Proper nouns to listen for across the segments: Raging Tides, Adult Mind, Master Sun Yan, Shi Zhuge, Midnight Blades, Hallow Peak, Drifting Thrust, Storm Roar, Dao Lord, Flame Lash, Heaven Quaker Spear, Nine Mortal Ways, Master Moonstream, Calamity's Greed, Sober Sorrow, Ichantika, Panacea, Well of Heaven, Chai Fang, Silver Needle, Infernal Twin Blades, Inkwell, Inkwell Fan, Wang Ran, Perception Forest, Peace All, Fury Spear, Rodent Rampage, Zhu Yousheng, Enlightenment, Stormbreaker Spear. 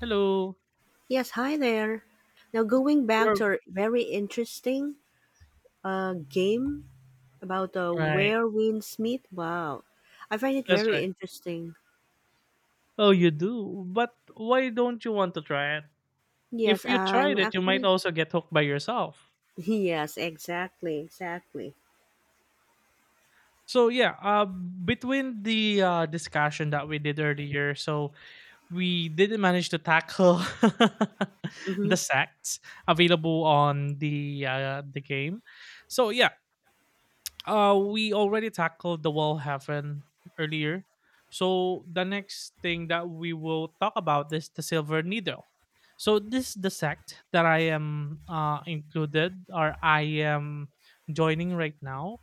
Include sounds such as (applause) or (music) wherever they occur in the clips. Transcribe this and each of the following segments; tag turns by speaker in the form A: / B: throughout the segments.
A: Hello.
B: Yes, hi there. Now, going back
A: Work.
B: to our very interesting game about
A: Right.
B: where winds meet. Wow, I find it
A: That's
B: very
A: right.
B: interesting.
A: Oh, you do. But why don't you want to try it? If
B: Yes,
A: you
B: I'm
A: tried it, you might
B: actually. (laughs)
A: also get hooked by yourself.
B: Yes, exactly, exactly.
A: Between the discussion that we did earlier, so we didn't manage to tackle (laughs) the
B: Mm-hmm.
A: sects available on the game. So yeah, we already tackled the Wall Heaven earlier. So the next thing that we will talk about is the Silver Needle. So this is the sect that I am included or I am joining right now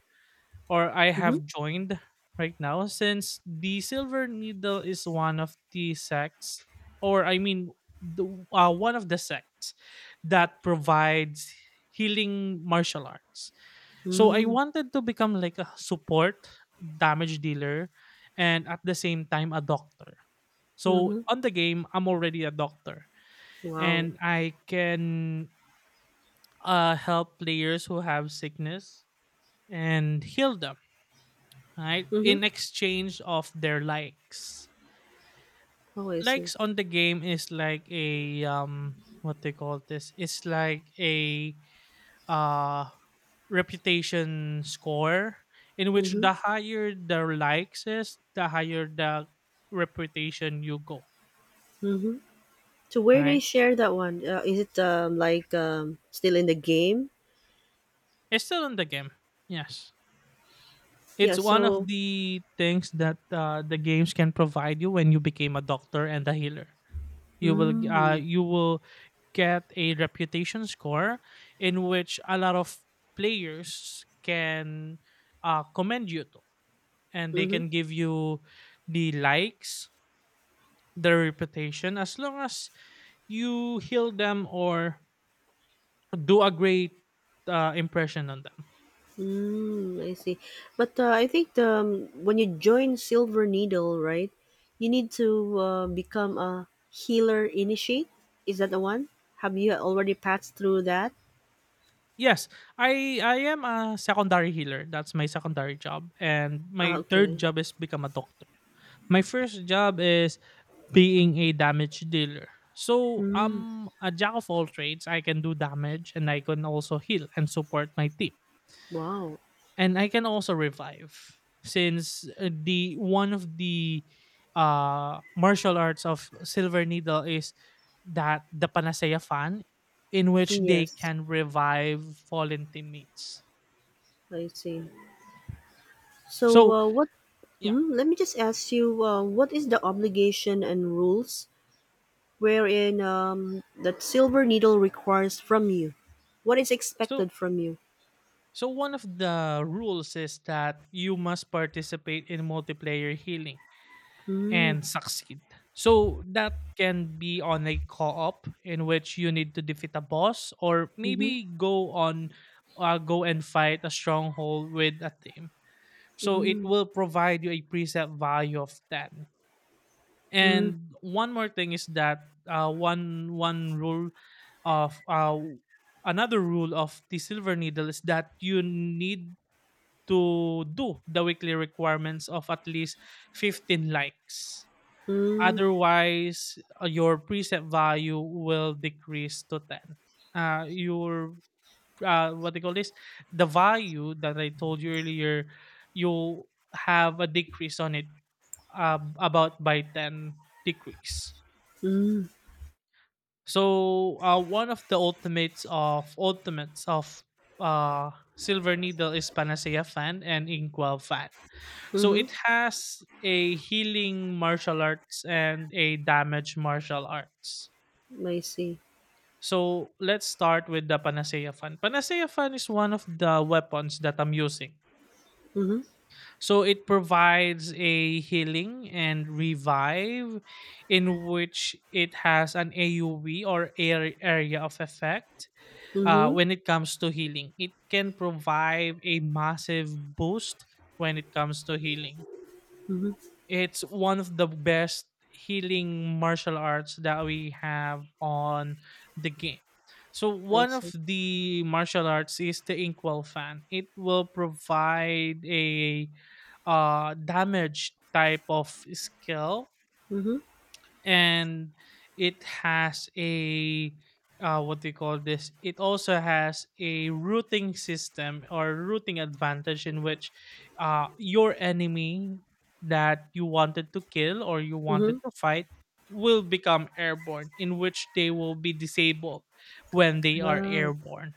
A: or I
B: Mm-hmm.
A: have joined right now, since the Silver Needle is one of the sects, or I mean the, one of the sects that provides healing martial arts, so I
B: Mm-hmm.
A: wanted to become like a support damage dealer and at the same time a doctor. So
B: Mm-hmm.
A: on the game, I'm already a doctor
B: Wow.
A: and I can help players who have sickness and heal them, right?
B: Mm-hmm.
A: In exchange of their likes.
B: Oh, I see.
A: Likes on the game is like a, what they call this? It's like a uh, reputation score, in which
B: Mm-hmm.
A: the higher the likes is, the higher the reputation you go.
B: Mm-hmm. So where they
A: Right?
B: share that one? Is it like still in the game?
A: It's still in the game. Yes.
B: Yeah.
A: It's one of
B: So.
A: the things that the games can provide you when you became a doctor and a healer.
B: Mm-hmm.
A: You will get a reputation score in which a lot of players can commend you to and they
B: Mm-hmm.
A: can give you the likes, their reputation, as long as you heal them or do a great impression on them.
B: Mm, I see. But I think when you join Silver Needle, right, you need to become a healer initiate. Is that the one? Have you already passed through that?
A: Yes, I am a secondary healer. That's my secondary job and
B: Ah,
A: my third
B: okay.
A: job is become a doctor. My first job is being a damage dealer. So
B: Mm,
A: I'm a jack of all trades. I can do damage and I can also heal and support my team.
B: wow.
A: And I can also revive, since the one of the martial arts of Silver Needle is that the Panacea Fan, in which they
B: Yes,
A: can revive fallen teammates.
B: I see. So,
A: So,
B: what?
A: yeah.
B: Mm, let me just ask you, what is the obligation and rules wherein that Silver Needle requires from you? What is
A: So
B: expected from you?
A: so one of the rules is that you must participate in multiplayer healing
B: Mm,
A: and succeed. So that can be on a co-op in which you need to defeat a boss, or
B: mm-hmm.
A: maybe go on go and fight a stronghold with a team. So it
B: Mm,
A: will provide you a preset value of 10.
B: mm.
A: And one more thing is that one rule of another rule of the Silver Needle is that you need to do the weekly requirements of at least 15 likes.
B: Mm,
A: Otherwise, your preset value will decrease to 10. Your what they call this, the value that I told you earlier, you have a decrease on it, about by 10 decrease.
B: mm,
A: So one of the ultimates of uh, Silver Needle is Panacea Fan and Inkwell Fan. So
B: mhm,
A: it has a healing martial arts and a damage martial arts.
B: I see.
A: So let's start with the Panacea Fan. Panacea Fan is one of the weapons that I'm using.
B: Mhm,
A: So it provides a healing and revive, in which it has an AoE or area of effect
B: mhm,
A: when it comes to healing. It can provide a massive boost when it comes to healing.
B: mhm,
A: It's one of the best healing martial arts that we have on the game. So
B: I
A: one of
B: see.
A: the martial arts is the Inkwell Fan. It will provide a damage type of skill,
B: Mhm,
A: and it has a what do you call this? It also has a routing system or routing advantage, in which your enemy that you wanted to kill or you
B: mhm.
A: wanted to fight will become airborne, in which they will be disabled when they are
B: Ah,
A: airborne.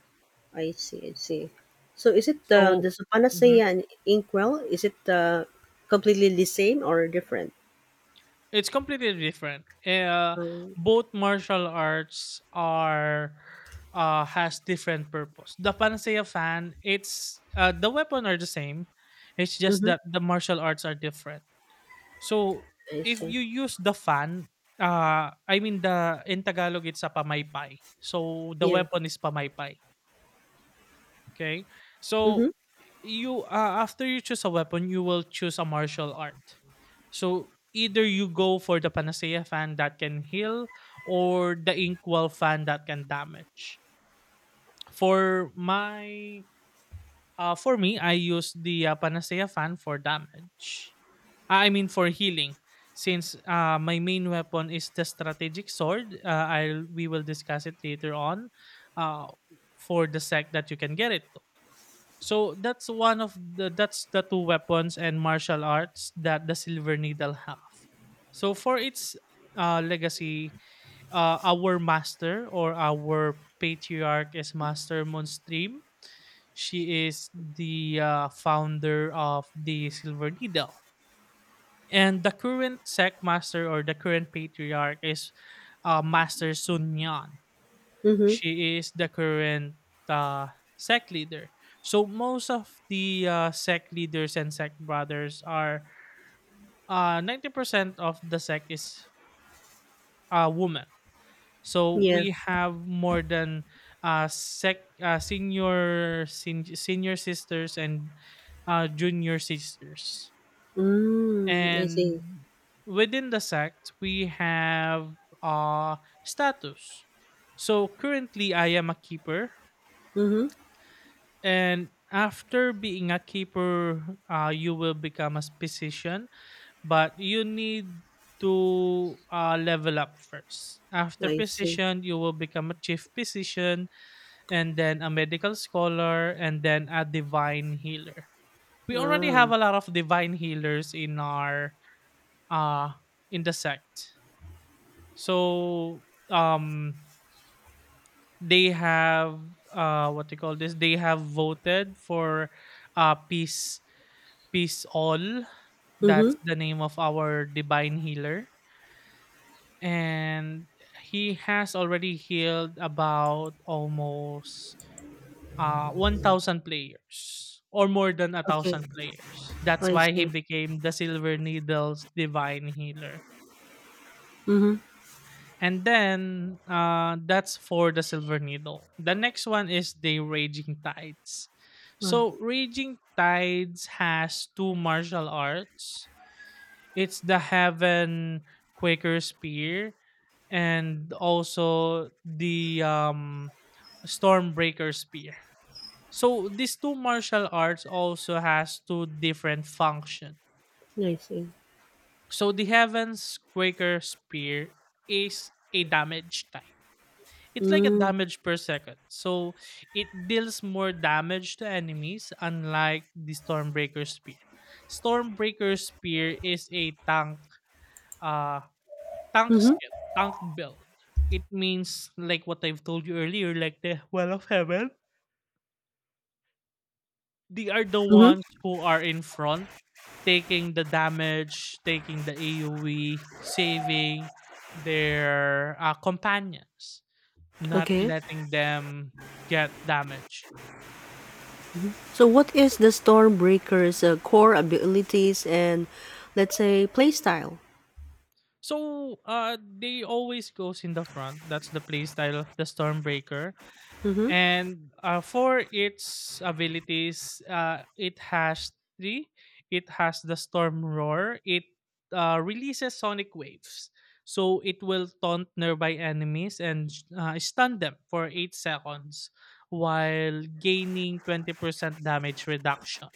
B: I see, I see. So is it
A: So,
B: does the
A: mm-hmm.
B: Panacea and Inkwell, is it completely the same or different?
A: It's completely different.
B: Um,
A: Both martial arts are has different purpose. The Panacea Fan, it's the weapon are the same. It's just
B: mhm,
A: that the martial arts are different. So
B: I
A: if
B: see.
A: you use the fan, I mean, the— in Tagalog, it's a pamaypay. So the
B: Yeah.
A: weapon is pamaypay. Okay. So
B: Mhm,
A: you after you choose a weapon, you will choose a martial art. So either you go for the Panacea Fan that can heal, or the Inkwell Fan that can damage. For my for me, I use the Panacea Fan for damage. Ah, I mean, for healing. Since my main weapon is the strategic sword, I'll we will discuss it later on. Uh, for the sec that you can get it, so that's one of the— that's the two weapons and martial arts that the Silver Needle have. So for its legacy, our master or our patriarch is Master Moonstream. She is the founder of the Silver Needle, and the current sect master or the current patriarch is Master Sun Yan.
B: mhm,
A: She is the current uh, sect leader. So most of the sec leaders and sect brothers are, 90% of the sect is a women. So
B: yeah.
A: we have more than senior sisters and junior sisters.
B: Mm, I see.
A: And within the sect, we have uh, status. So currently, I am a keeper.
B: Mhm,
A: And after being a keeper, you will become a physician, but you need to level up first. After
B: I see.
A: physician, you will become a chief physician, and then a medical scholar, and then a divine healer. We already have
B: Wow.
A: a lot of divine healers in our uh in the sect. So um they have, what do you call this? They have voted for peace— Peace All. That's
B: Mhm,
A: the name of our divine healer. And he has already healed about almost 1,000 players, or more than a
B: okay.
A: 1,000 players. That's
B: I
A: why he
B: see.
A: became the Silver Needle's divine healer.
B: Mhm,
A: And then that's for the Silver Needle. The next one is the Raging Tides.
B: wow.
A: So Raging Tides has two martial arts. It's the Haven Quaker Spear and also the Stormbreaker Spear. So these two martial arts also has two different function.
B: I see.
A: So the Heaven's Quaker Spear is a damage type. It's like a
B: Mm,
A: damage per second. So it deals more damage to enemies, unlike the Stormbreaker Spear. Stormbreaker Spear is a uh Tank
B: mhm,
A: skill, tank build. It means like what I've told you earlier, like the Well of Heaven. They are the
B: mhm,
A: ones who are in front, taking the damage, taking the AoE, saving their companions, not
B: okay.
A: letting them get damage.
B: So what is the Stormbreaker's core abilities and let's say play style?
A: So they always goes in the front. That's the playstyle of the Stormbreaker.
B: Mm-hmm.
A: And for its abilities, it has three. It has the Storm Roar. It releases sonic waves. So it will taunt nearby enemies and stun them for 8 seconds while gaining 20% damage reduction.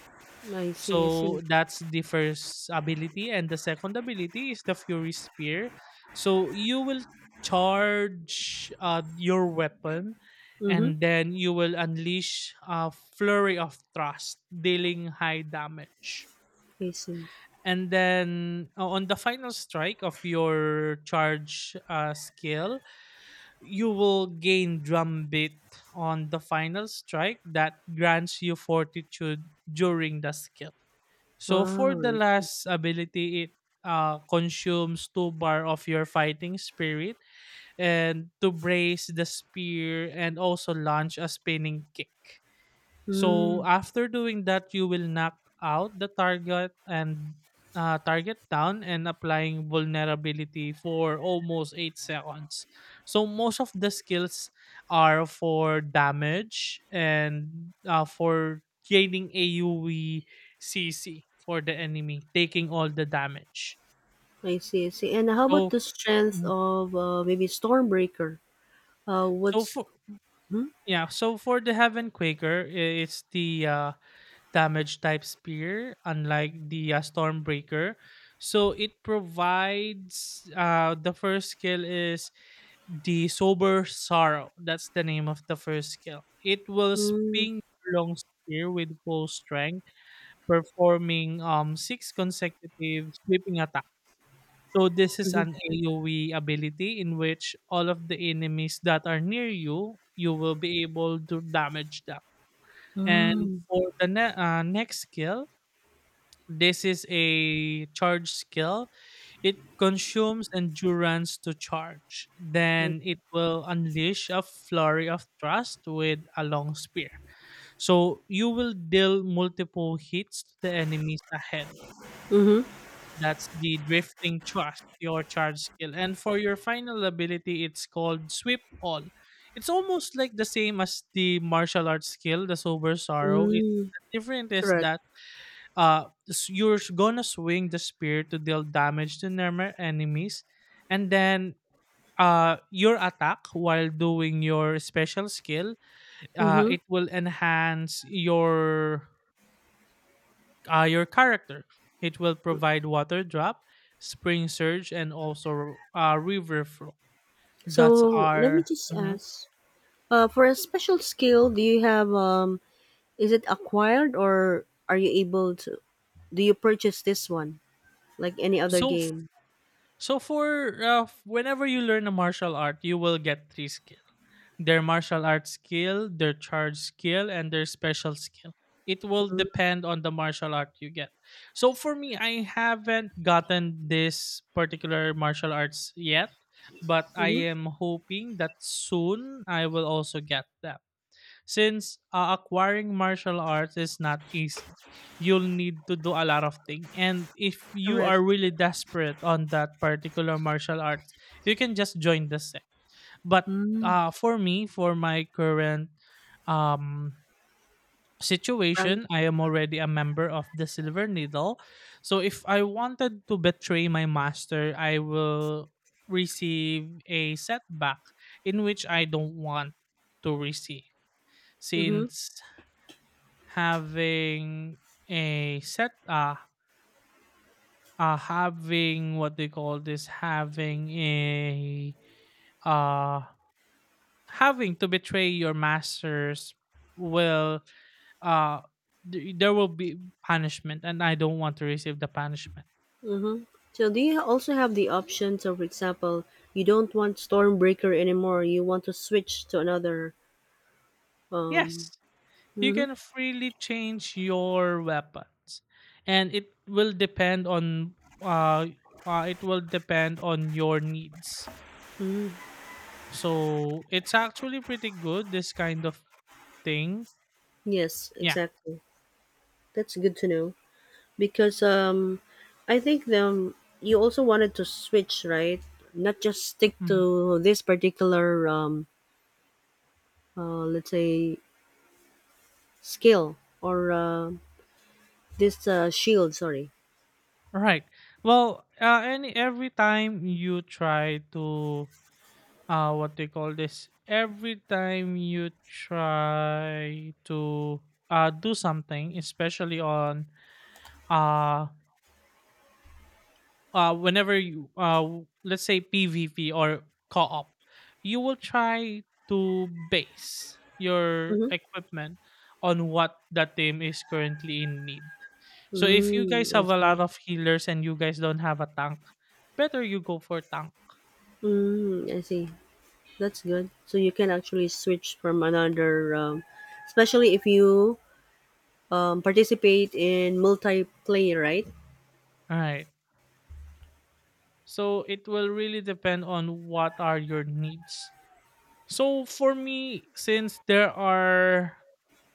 B: I see, I see.
A: So that's the first ability, and the second ability is the Fury Spear. So you will charge your weapon,
B: Mm-hmm.
A: and then you will unleash a flurry of thrust dealing high damage.
B: I see.
A: And then on the final strike of your charge skill, you will gain drumbeat on the final strike, that grants you fortitude during the skill. So for
B: Wow.
A: the last ability, it consumes two bar of your fighting spirit and to brace the spear and also launch a spinning kick. So
B: Mm,
A: after doing that, you will knock out the target and target down and applying vulnerability for almost 8 seconds. So most of the skills are for damage and for gaining AUE CC for the enemy, taking all the damage.
B: I see, I see. And how about
A: So
B: the strength
A: mm,
B: of maybe Stormbreaker?
A: so
B: What's
A: for
B: hmm?
A: yeah, so for the Heaven Quaker, it's the damage type spear, unlike the Stormbreaker. So it provides, the first skill is the Sober Sorrow. That's the name of the first skill. It will
B: Mm,
A: spin your long spear with full strength, performing six consecutive sweeping attacks. So this is an
B: mm-hmm.
A: AoE ability, in which all of the enemies that are near you, you will be able to damage them. And
B: Mm,
A: for the next skill, this is a charge skill. It consumes endurance to charge.
B: I,
A: Then it will unleash a flurry of thrust with a long spear. So you will deal multiple hits to the enemies ahead.
B: mm-hmm.
A: That's the drifting thrust, your charge skill. And for your final ability, it's called Sweep All. It's almost like the same as the martial arts skill, the Sober Sorrow. It's—
B: Mm,
A: the different is
B: correct.
A: that gonna swing the spear to deal damage to normal enemies, and then your attack while doing your special skill,
B: Mm-hmm.
A: it will enhance your character, it will provide water drop, spring surge, and also river flow. That's
B: So let me
A: our
B: just
A: mhm.
B: ask. For a special skill, do you have um? Is it acquired or are you able to? Do you purchase this one like any other
A: so f-
B: game?
A: so whenever you learn a martial art, you will get three skills: their martial arts skill, their charge skill, and their special skill. It will
B: Mhm,
A: depend on the martial art you get. So for me, I haven't gotten this particular martial arts yet, but I
B: mhm,
A: am hoping that soon I will also get that. Since acquiring martial arts is not easy, you'll need to do a lot of things. And if you
B: correct.
A: are really desperate on that particular martial arts, you can just join the set, but
B: Mm,
A: for me, for my current um,
B: Frank.
A: situation, I am already a member of the Silver Needle. So if I wanted to betray my master, I will receive a setback, in which I don't want to receive,
B: Mhm,
A: since having a set having, what they call this, having a uh having to betray your masters will uh there will be punishment, and I don't want to receive the punishment.
B: mhm. So do you also have the option? So for example, you don't want Stormbreaker anymore. You want to switch to another. Um.
A: Yes, you
B: Mhm,
A: can freely change your weapons, and it will depend on uh, it will depend on your needs.
B: mhm.
A: So it's actually pretty good, this kind of thing.
B: Yes,
A: Yeah.
B: exactly. That's good to know because I think you also wanted to switch, right? Not just stick
A: Mhm.
B: to this particular let's say skill or this, shield, sorry.
A: Right. Well, any every time you try to what they call this every time you try to do something, especially on uh whenever you let's say, PvP or co-op, you will try to base your
B: Mhm.
A: equipment on what that team is currently in need. So if you guys
B: Mm, I
A: have a
B: see.
A: lot of healers and you guys don't have a tank, better you go for tank.
B: Mm, I see. That's good. So you can actually switch from another, especially if you participate in multiplayer, right?
A: All right. So it will really depend on what are your needs. So for me, since there are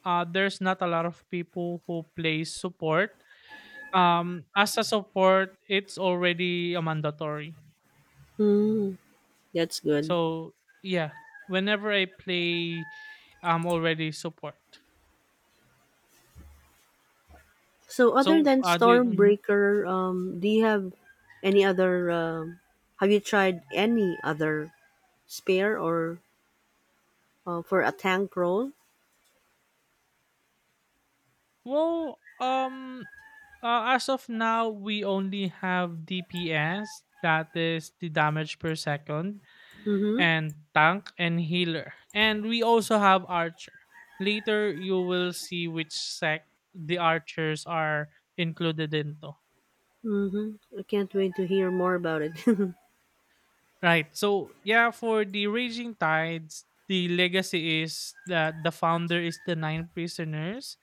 A: uh there's not a lot of people who play support, as a support, it's already a mandatory.
B: Mm, that's good.
A: So yeah, whenever I play, I'm already support.
B: So
A: So
B: other than
A: the mhm.
B: Stormbreaker, do you have any other? Have you tried any other spare or for a tank role?
A: Well, as of now, we only have DPS, that is the damage per second,
B: Mm-hmm.
A: and tank and healer. And we also have archer. Later you will see which sect the archers are included into.
B: Mm-hmm. I can't wait to hear more about it. (laughs)
A: Right. So yeah, for the Raging Tides, the legacy is that the founder is the nine prisoners.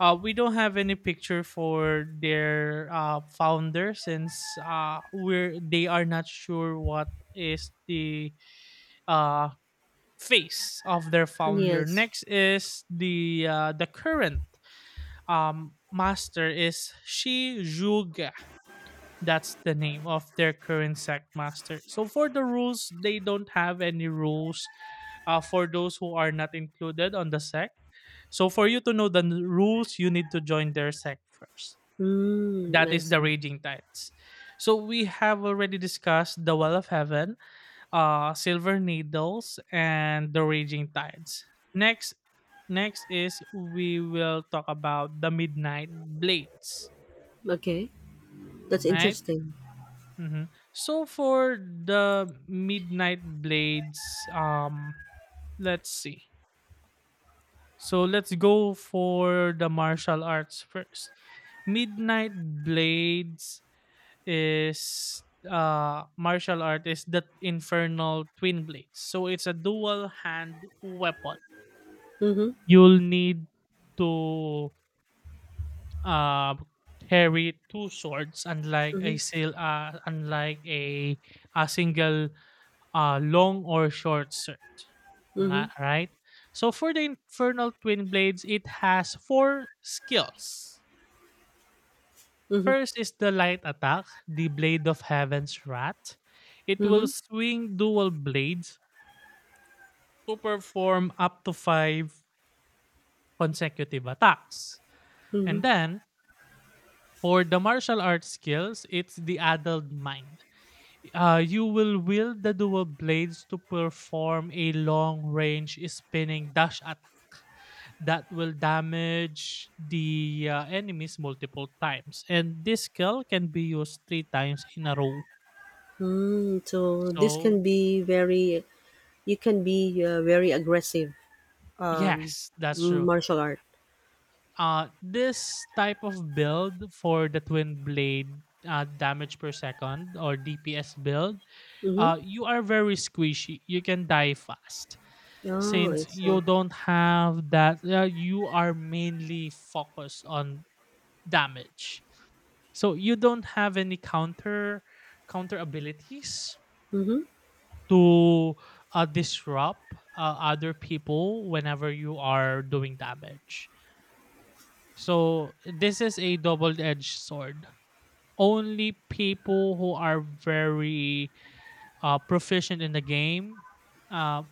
A: We don't have any picture for their founder, since we're they are not sure what is the uh, face of their founder.
B: Yes.
A: Next is the the current master is Shi Zhuge. That's the name of their current sect master. So for the rules, they don't have any rules for those who are not included on the sect. So for you to know the rules, you need to join their sect first.
B: Mm,
A: That
B: I
A: is the
B: see.
A: Raging Tides. So we have already discussed the Well of Heaven, Silver Needles, and The Raging Tides. Next, next is we will talk about the Midnight Blades,
B: Okay, that's
A: right?
B: interesting.
A: Mhm. So for the Midnight Blades, let's see. So let's go for the martial arts first. Midnight Blades is martial art is the Infernal Twin Blades, so it's a dual hand weapon.
B: Mm-hmm,
A: You'll need to, uh, carry two swords, unlike a
B: mm-hmm,
A: sil unlike a single, long or short sword,
B: mm-hmm,
A: la, right? So for the Infernal Twin Blades, it has four skills.
B: mm-hmm,
A: First is the light attack, the Blade of Heaven's Wrath. It will
B: mm-hmm,
A: swing dual blades to perform up to five consecutive attacks.
B: mm-hmm.
A: And then, for the martial arts skills, it's the adult mind. You will wield the dual blades to perform a long range spinning dash attack that will damage the enemies multiple times. And this skill can be used three times in a row.
B: Mm, so this can
A: So,
B: be very, you can be very aggressive. Um,
A: yes, that's true.
B: martial art.
A: This type of build for the twin blade, damage per second or DPS build,
B: Mm-hmm.
A: you are very squishy. You can die fast.
B: Oh, I
A: Since
B: see.
A: you don't have that, you are mainly focused on damage, so you don't have any counter abilities
B: Mm-hmm.
A: to disrupt other people whenever you are doing damage. So this is a double-edged sword. Only people who are very proficient in the game, uh,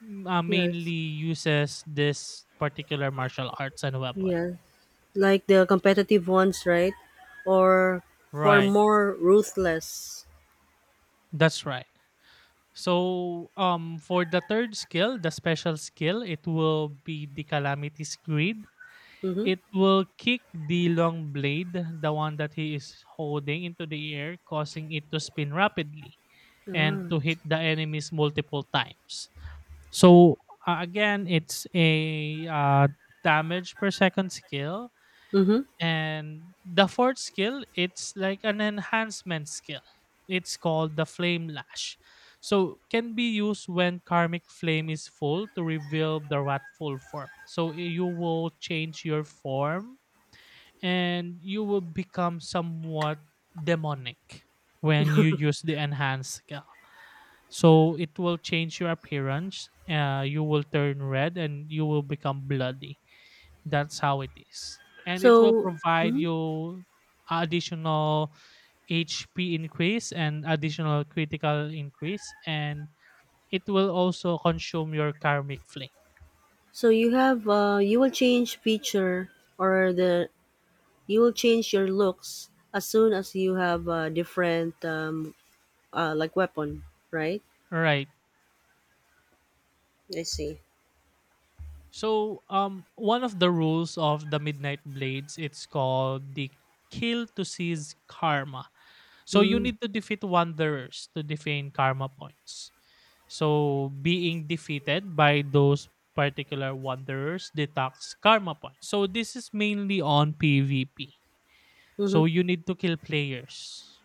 A: mainly
B: Yes,
A: uses this particular martial arts and weapon.
B: yes. Like the competitive ones, right? Or for
A: Right.
B: more ruthless.
A: That's right. So, for the third skill, the special skill, it will be the Calamity's Greed.
B: Mm-hmm.
A: It will kick the long blade, the one that he is holding, into the air, causing it to spin rapidly and
B: Ah.
A: to hit the enemies multiple times. So, again, it's a damage per second skill.
B: Mm-hmm.
A: And the fourth skill, it's like an enhancement skill. It's called the flame lash. So, can be used when karmic flame is full to reveal the wrathful form. So you will change your form, and you will become somewhat demonic when you use the enhanced skill. So it will change your appearance. You will turn red and you will become bloody. That's how it is. And it will
B: So.
A: provide
B: Mm-hmm.
A: you additional HP increase and additional critical increase, and it will also consume your karmic flame.
B: So you have you will change feature or the you will change your looks as soon as you have a different like weapon, right?
A: Right.
B: I see.
A: So, one of the rules of the Midnight Blades, it's called the kill to seize karma. So you
B: Mm.
A: need to defeat wanderers to defeat karma points. So being defeated by those particular wanderers deducts karma points. So this is mainly on PvP.
B: Mm-hmm.
A: So you need to kill players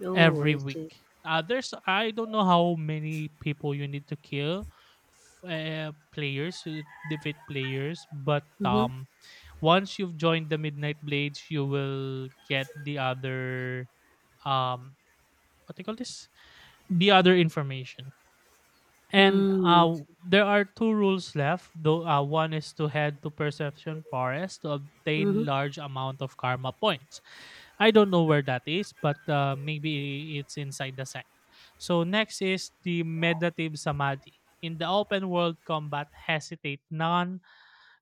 B: Oh,
A: every
B: I see.
A: week. There's I don't know how many people you need to kill, players, defeat players, but
B: Mm-hmm.
A: once you've joined the Midnight Blades, you will get the other um, what do you call this? The other information. And
B: Mm.
A: there are two rules left. Though one is to head to Perception Forest to
B: Mm-hmm.
A: obtain large amount of karma points. I don't know where that is, but maybe it's inside the sect. So next is the meditative samadhi. In the open world combat, hesitate none,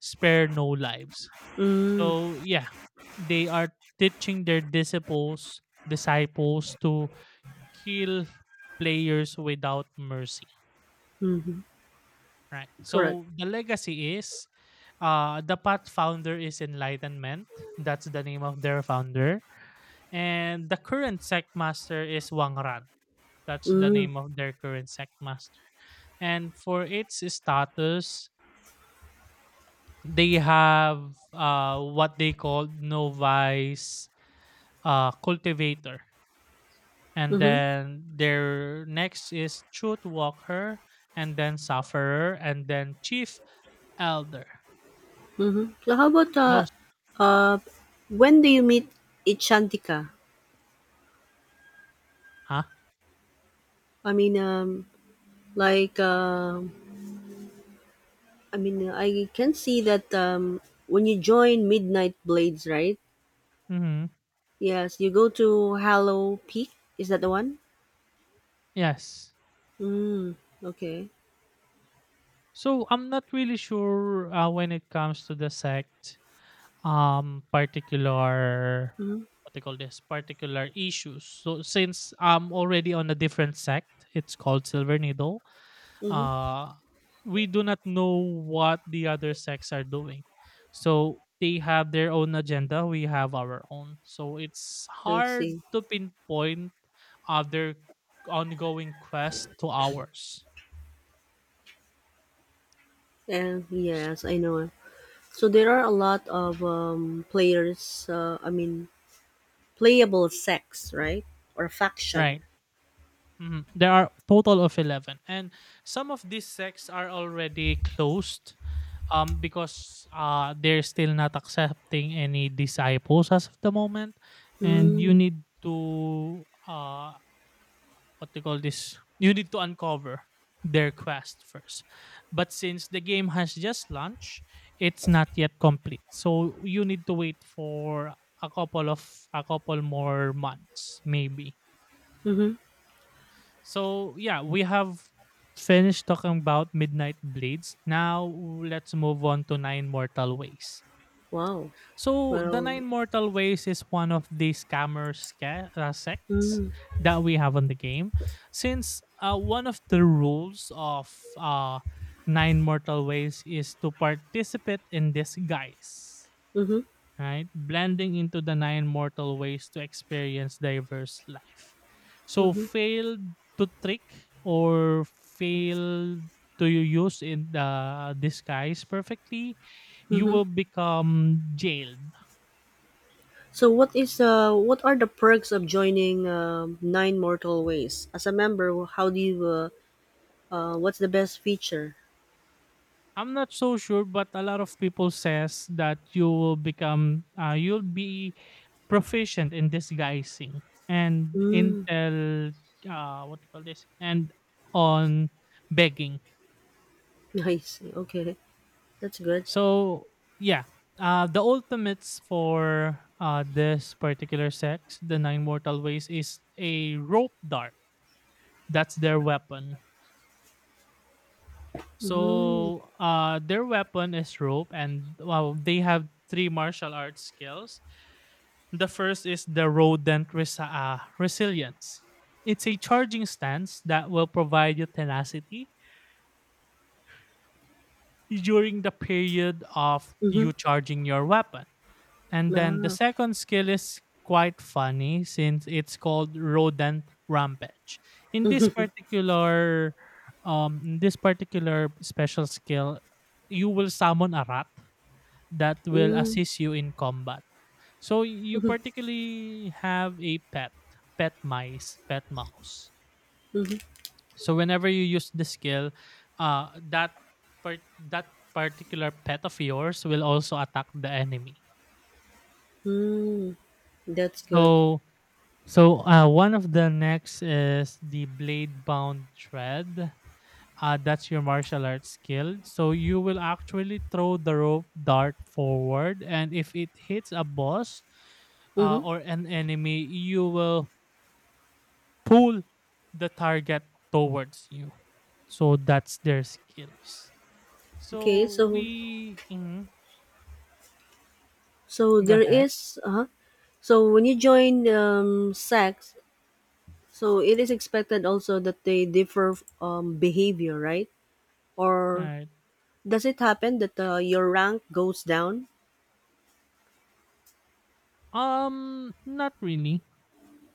A: spare no lives.
B: Mm.
A: So yeah, they are teaching their disciples to kill players without mercy.
B: Mm-hmm.
A: Right.
B: Correct.
A: So the legacy is the path founder is enlightenment. That's the name of their founder. And the current sect master is Wang Ran. That's the
B: Mm.
A: name of their current sect master. And for its status, they have what they call novice cultivator. And
B: Mm-hmm.
A: then their next is truth walker, and then sufferer, and then chief elder.
B: Mm-hmm. So how about
A: Those,
B: uh, when do you meet Ichantika?
A: huh?
B: I mean, like. I mean, I can see that when you join Midnight Blades, right?
A: Mm-hmm.
B: Yes, you go to Hallow Peak. Is that the one?
A: Yes.
B: Mm, okay.
A: So I'm not really sure when it comes to the sect, particular,
B: Mm-hmm,
A: what they call this, particular issues. So since I'm already on a different sect, it's called Silver Needle,
B: mm-hmm.
A: uh we do not know what the other sects are doing. So they have their own agenda, we have our own, so it's
B: I
A: hard
B: see.
A: to pinpoint other ongoing quest to ours.
B: And yes, I know. So there are a lot of players. I mean, playable sex, right? Or faction.
A: Right. Mhm. There are total of 11, and some of these sects are already closed, because they're still not accepting any disciples as of the moment. And you
B: Mm,
A: need to what they call this, you need to uncover their quest first. But since the game has just launched, it's not yet complete, so you need to wait for a couple of a couple more months, maybe.
B: mm-hmm.
A: So yeah, we have finished talking about Midnight Blades. Now let's move on to Nine Mortal Ways.
B: Wow.
A: So the
B: Well.
A: Nine Mortal Ways is one of the sects
B: Mm,
A: that we have on the game. Since one of the rules of uh, Nine Mortal Ways is to participate in disguise,
B: mm-hmm,
A: right? Blending into the Nine Mortal Ways to experience diverse life. So
B: mm-hmm,
A: fail to trick or fail to you use in the disguise perfectly, you
B: mm-hmm.
A: will become jailed.
B: So what is what are the perks of joining Nine Mortal Ways as a member? How do you what's the best feature?
A: I'm not so sure, but a lot of people says that you will become you'll be proficient in disguising and
B: Mm,
A: intel, what do you call this, and on begging.
B: (laughs) nice. Okay, that's good.
A: So yeah, the ultimates for this particular sex, the Nine Mortal Ways, is a rope dart. That's their weapon.
B: Mm,
A: So their weapon is rope, and well, they have three martial arts skills. The first is the resilience. It's a charging stance that will provide you tenacity during the period of
B: mm-hmm.
A: you charging your weapon. And then the
B: Ah,
A: second skill is quite funny since it's called rodent rampage. In this particular special skill, you will summon a rat that will
B: mm,
A: assist you in combat. So you particularly have a pet, pet mice, pet mouse.
B: mm-hmm.
A: So whenever you use the skill, uh that part that particular pet of yours will also attack the enemy.
B: Mm, that's good.
A: So So one of the next is the blade bound thread. That's your martial arts skill. So you will actually throw the rope dart forward, and if it hits a boss
B: Mm-hmm.
A: or an enemy, you will pull the target towards you. So that's their skills.
B: Okay,
A: So
B: so so
A: go
B: there
A: ahead.
B: is so when you join sex, so it is expected also that they differ behavior, right?
A: All
B: Or
A: right.
B: does it happen that your rank goes down?
A: Not really,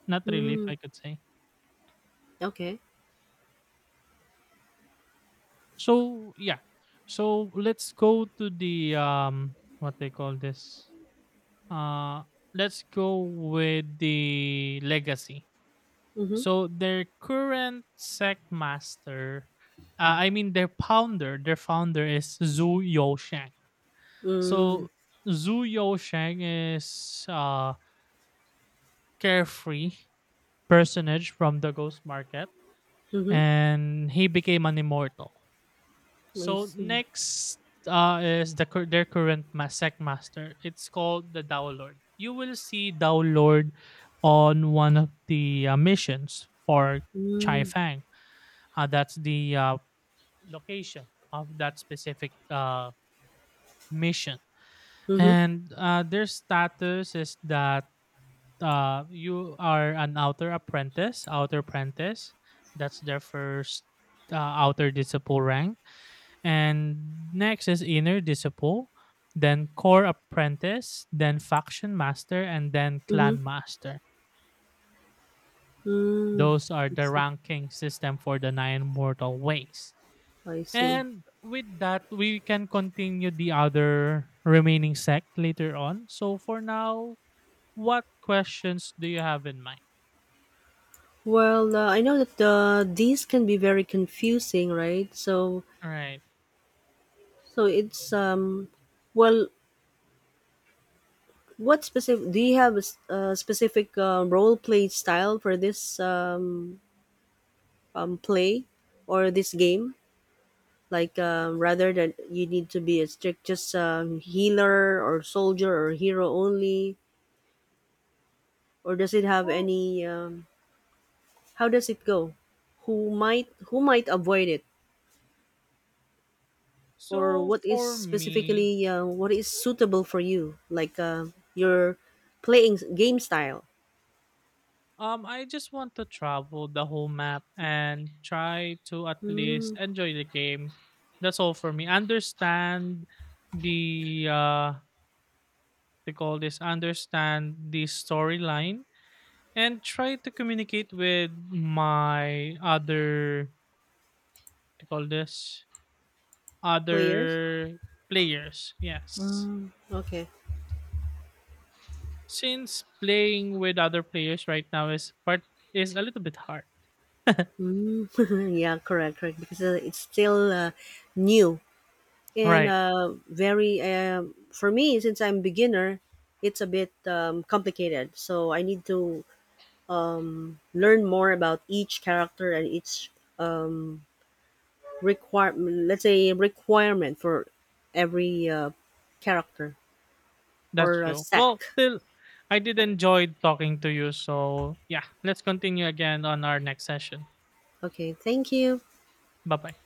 A: not really. If
B: Mm,
A: I could say.
B: okay.
A: So yeah. So let's go to the what they call this. Uh let's go with the legacy.
B: Mm-hmm.
A: So their current sec master, I mean their founder, is Zhu Yousheng.
B: Mm,
A: So Zhu Yousheng is a carefree personage from the ghost market,
B: mm-hmm.
A: and he became an immortal.
B: I
A: So
B: see.
A: next, is the their current sec master. It's called the Dao Lord. You will see Dao Lord on one of the missions for Chai
B: Mm,
A: Fang. That's the location of that specific mission.
B: mm-hmm.
A: And their status is that you are an outer apprentice, outer apprentice. That's their first outer disciple rank, and next is inner disciple, then core apprentice, then faction master, and then
B: Mm-hmm.
A: clan master.
B: Mm,
A: Those are
B: I
A: the
B: see.
A: ranking system for the nine mortal ways.
B: I see.
A: And with that, we can continue the other remaining sect later on. So for now, what questions do you have in mind?
B: Well, I know that these can be very confusing, right? So,
A: All right.
B: so it's well, what specific? Do you have a, a specific role play style for this play or this game? Like rather than you need to be a strict just healer or soldier or hero only or does it have
A: Well,
B: any how does it go who might avoid it or
A: so
B: what is
A: for me,
B: specifically what is suitable for you like your playing game style.
A: I just want to travel the whole map and try to at
B: Mm,
A: least enjoy the game. That's all for me. Understand the they call this, understand the storyline, and try to communicate with my other, they call this,
B: players.
A: other players. Yes.
B: Mm, okay.
A: Since playing with other players right now is a little bit hard.
B: Mm, (laughs) yeah, correct, correct, because it's still new and
A: Right.
B: very for me since I'm beginner it's a bit complicated, so I need to learn more about each character and each um, requirement, let's say requirement for every character
A: That's
B: or
A: true.
B: sec.
A: Well, still, I did enjoy talking to you. So, yeah, let's continue again on our next session.
B: Okay, thank you.
A: Bye bye.